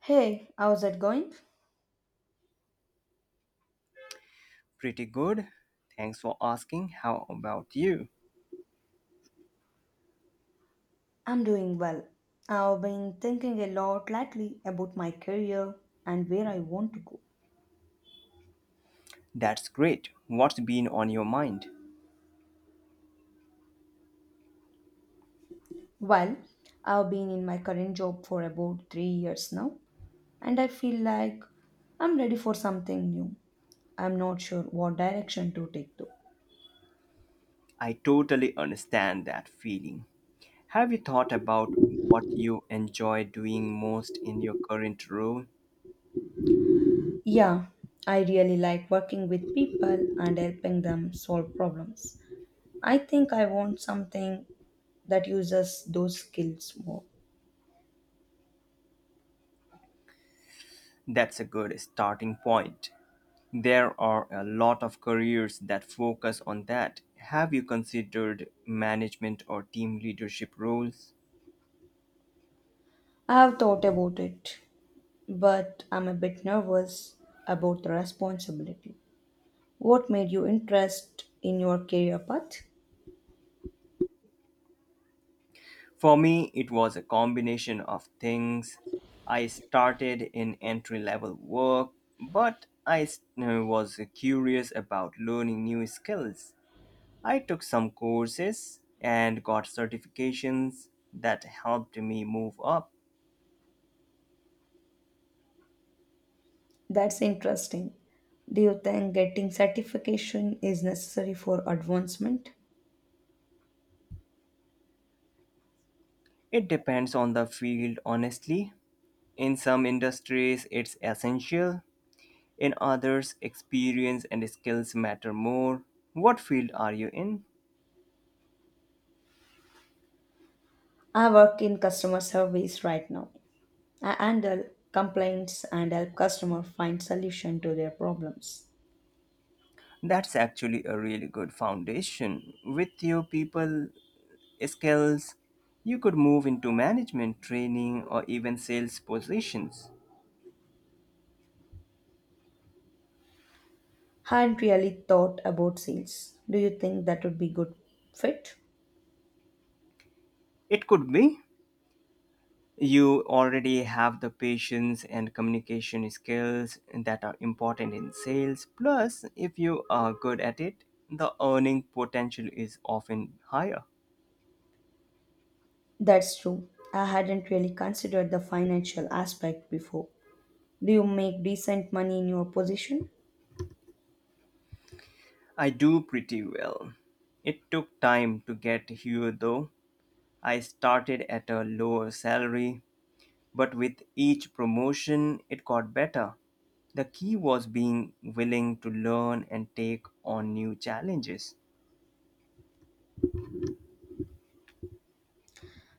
Hey, how's it going? Pretty good. Thanks for asking. How about you? I'm doing well. I've been thinking a lot lately about my career and where I want to go. That's great. What's been on your mind? Well, I've been in my current job for about 3 years now, and I feel like I'm ready for something new. I'm not sure what direction to take though. I totally understand that feeling. Have you thought about what you enjoy doing most in your current role? Yeah, I really like working with people and helping them solve problems. I think I want something that uses those skills more. That's a good starting point. There are a lot of careers that focus on that. Have you considered management or team leadership roles? I have thought about it, but I'm a bit nervous about the responsibility. What made you interest in your career path? For me, it was a combination of things. I started in entry level work, but was curious about learning new skills. I took some courses and got certifications that helped me move up. That's interesting. Do you think getting certification is necessary for advancement? It depends on the field, honestly. In some industries, it's essential. In others, experience and skills matter more. What field are you in? I work in customer service right now. I handle complaints and help customer find solution to their problems. That's actually a really good foundation. With your people skills, you could move into management training or even sales positions. Hadn't really thought about sales. Do you think that would be good fit? It could be you already have the patience and communication skills that are important in sales. Plus, if you are good at it, the earning potential is often higher. That's true. I hadn't really considered the financial aspect before. Do you make decent money in your position? I do pretty well. It took time to get here though. I started at a lower salary, but with each promotion, it got better. The key was being willing to learn and take on new challenges.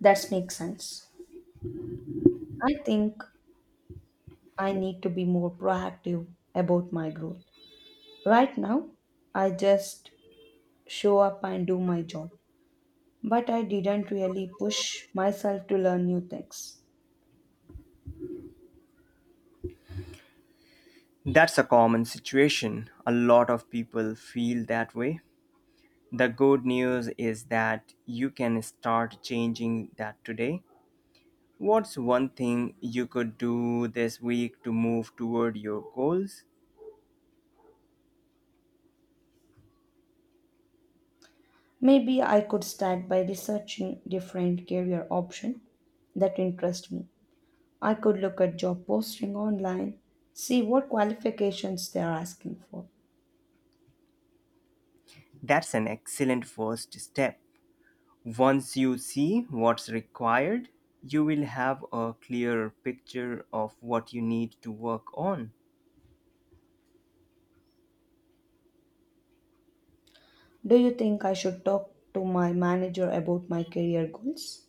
That makes sense. I think I need to be more proactive about my growth. Right now, I just show up and do my job, but I didn't really push myself to learn new things. That's a common situation. A lot of people feel that way. The good news is that you can start changing that today. What's one thing you could do this week to move toward your goals? Maybe I could start by researching different career options that interest me. I could look at job posting online, see what qualifications they are asking for. That's an excellent first step. Once you see what's required, you will have a clearer picture of what you need to work on. Do you think I should talk to my manager about my career goals?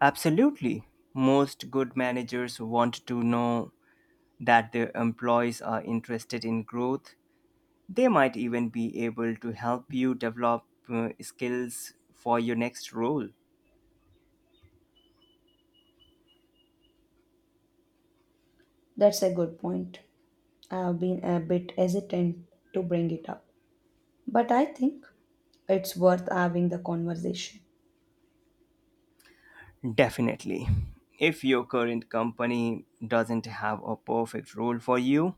Absolutely. Most good managers want to know that their employees are interested in growth. They might even be able to help you develop skills for your next role. That's a good point. I've been a bit hesitant to bring it up, but I think it's worth having the conversation. Definitely. If your current company doesn't have a perfect role for you,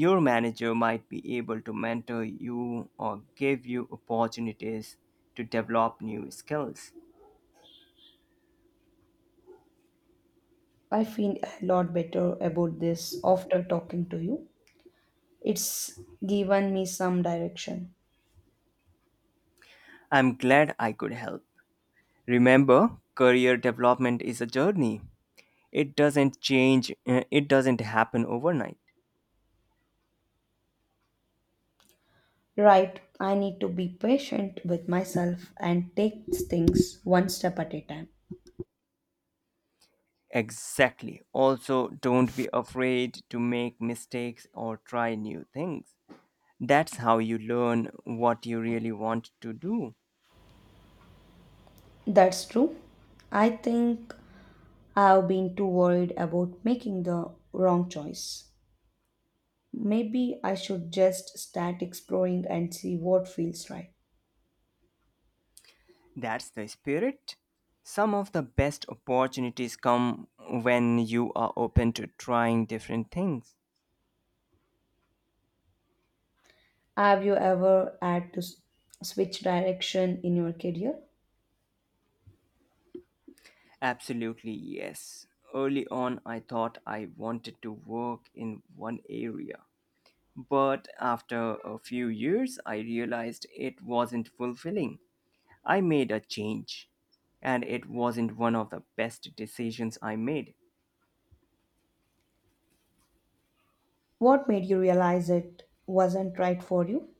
your manager might be able to mentor you or give you opportunities to develop new skills. I feel a lot better about this after talking to you. It's given me some direction. I'm glad I could help. Remember, career development is a journey. It doesn't happen overnight. Right, I need to be patient with myself and take things one step at a time. Exactly. Also, don't be afraid to make mistakes or try new things. That's how you learn what you really want to do. That's true. I think I've been too worried about making the wrong choice. Maybe I should just start exploring and see what feels right. That's the spirit. Some of the best opportunities come when you are open to trying different things. Have you ever had to switch direction in your career? Absolutely, yes. Early on, I thought I wanted to work in one area. But after a few years, I realized it wasn't fulfilling. I made a change, and it wasn't one of the best decisions I made. What made you realize it wasn't right for you?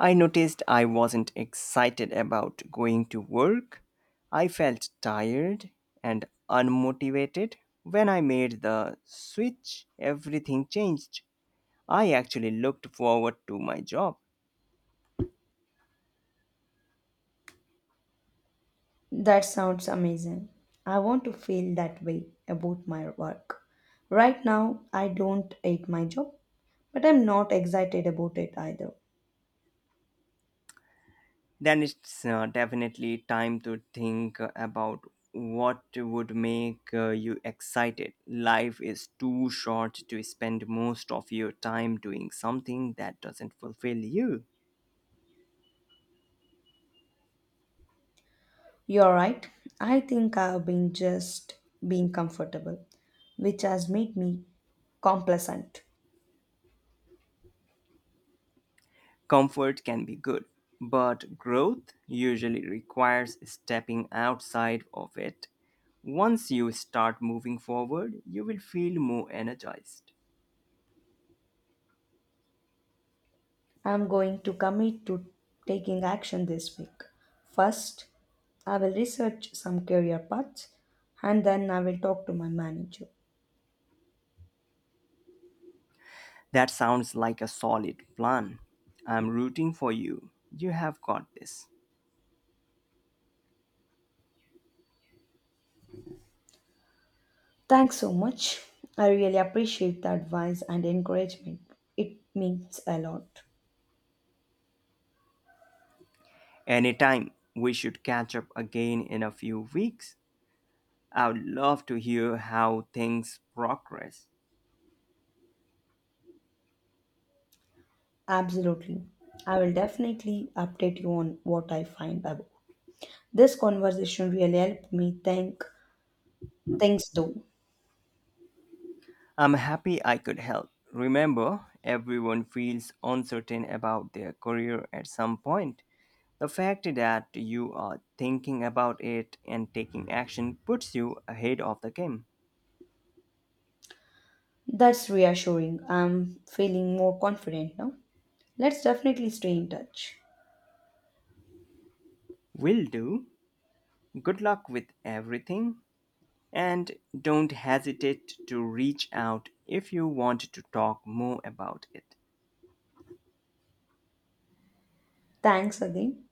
I noticed I wasn't excited about going to work. I felt tired and unmotivated. When I made the switch, everything changed. I actually looked forward to my job. That sounds amazing. I want to feel that way about my work. Right now, I don't hate my job, but I'm not excited about it either. Then it's definitely time to think about what would make you excited. Life is too short to spend most of your time doing something that doesn't fulfill you. You're right. I think I've been just being comfortable, which has made me complacent. Comfort can be good, but growth usually requires stepping outside of it. Once you start moving forward, you will feel more energized. I'm going to commit to taking action this week. First, I will research some career paths and then I will talk to my manager. That sounds like a solid plan. I'm rooting for you. You have got this. Thanks so much. I really appreciate the advice and encouragement. It means a lot. Anytime, we should catch up again in a few weeks. I would love to hear how things progress. Absolutely. I will definitely update you on what I find about. This conversation really helped me think things though. I'm happy I could help. Remember, everyone feels uncertain about their career at some point. The fact that you are thinking about it and taking action puts you ahead of the game. That's reassuring. I'm feeling more confident now. Let's definitely stay in touch. Will do. Good luck with everything. And don't hesitate to reach out if you want to talk more about it. Thanks again.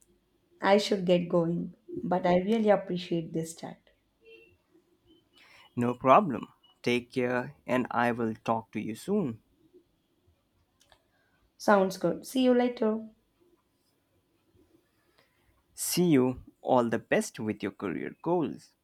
I should get going, but I really appreciate this chat. No problem. Take care, and I will talk to you soon. Sounds good. See you later. See you. All the best with your career goals.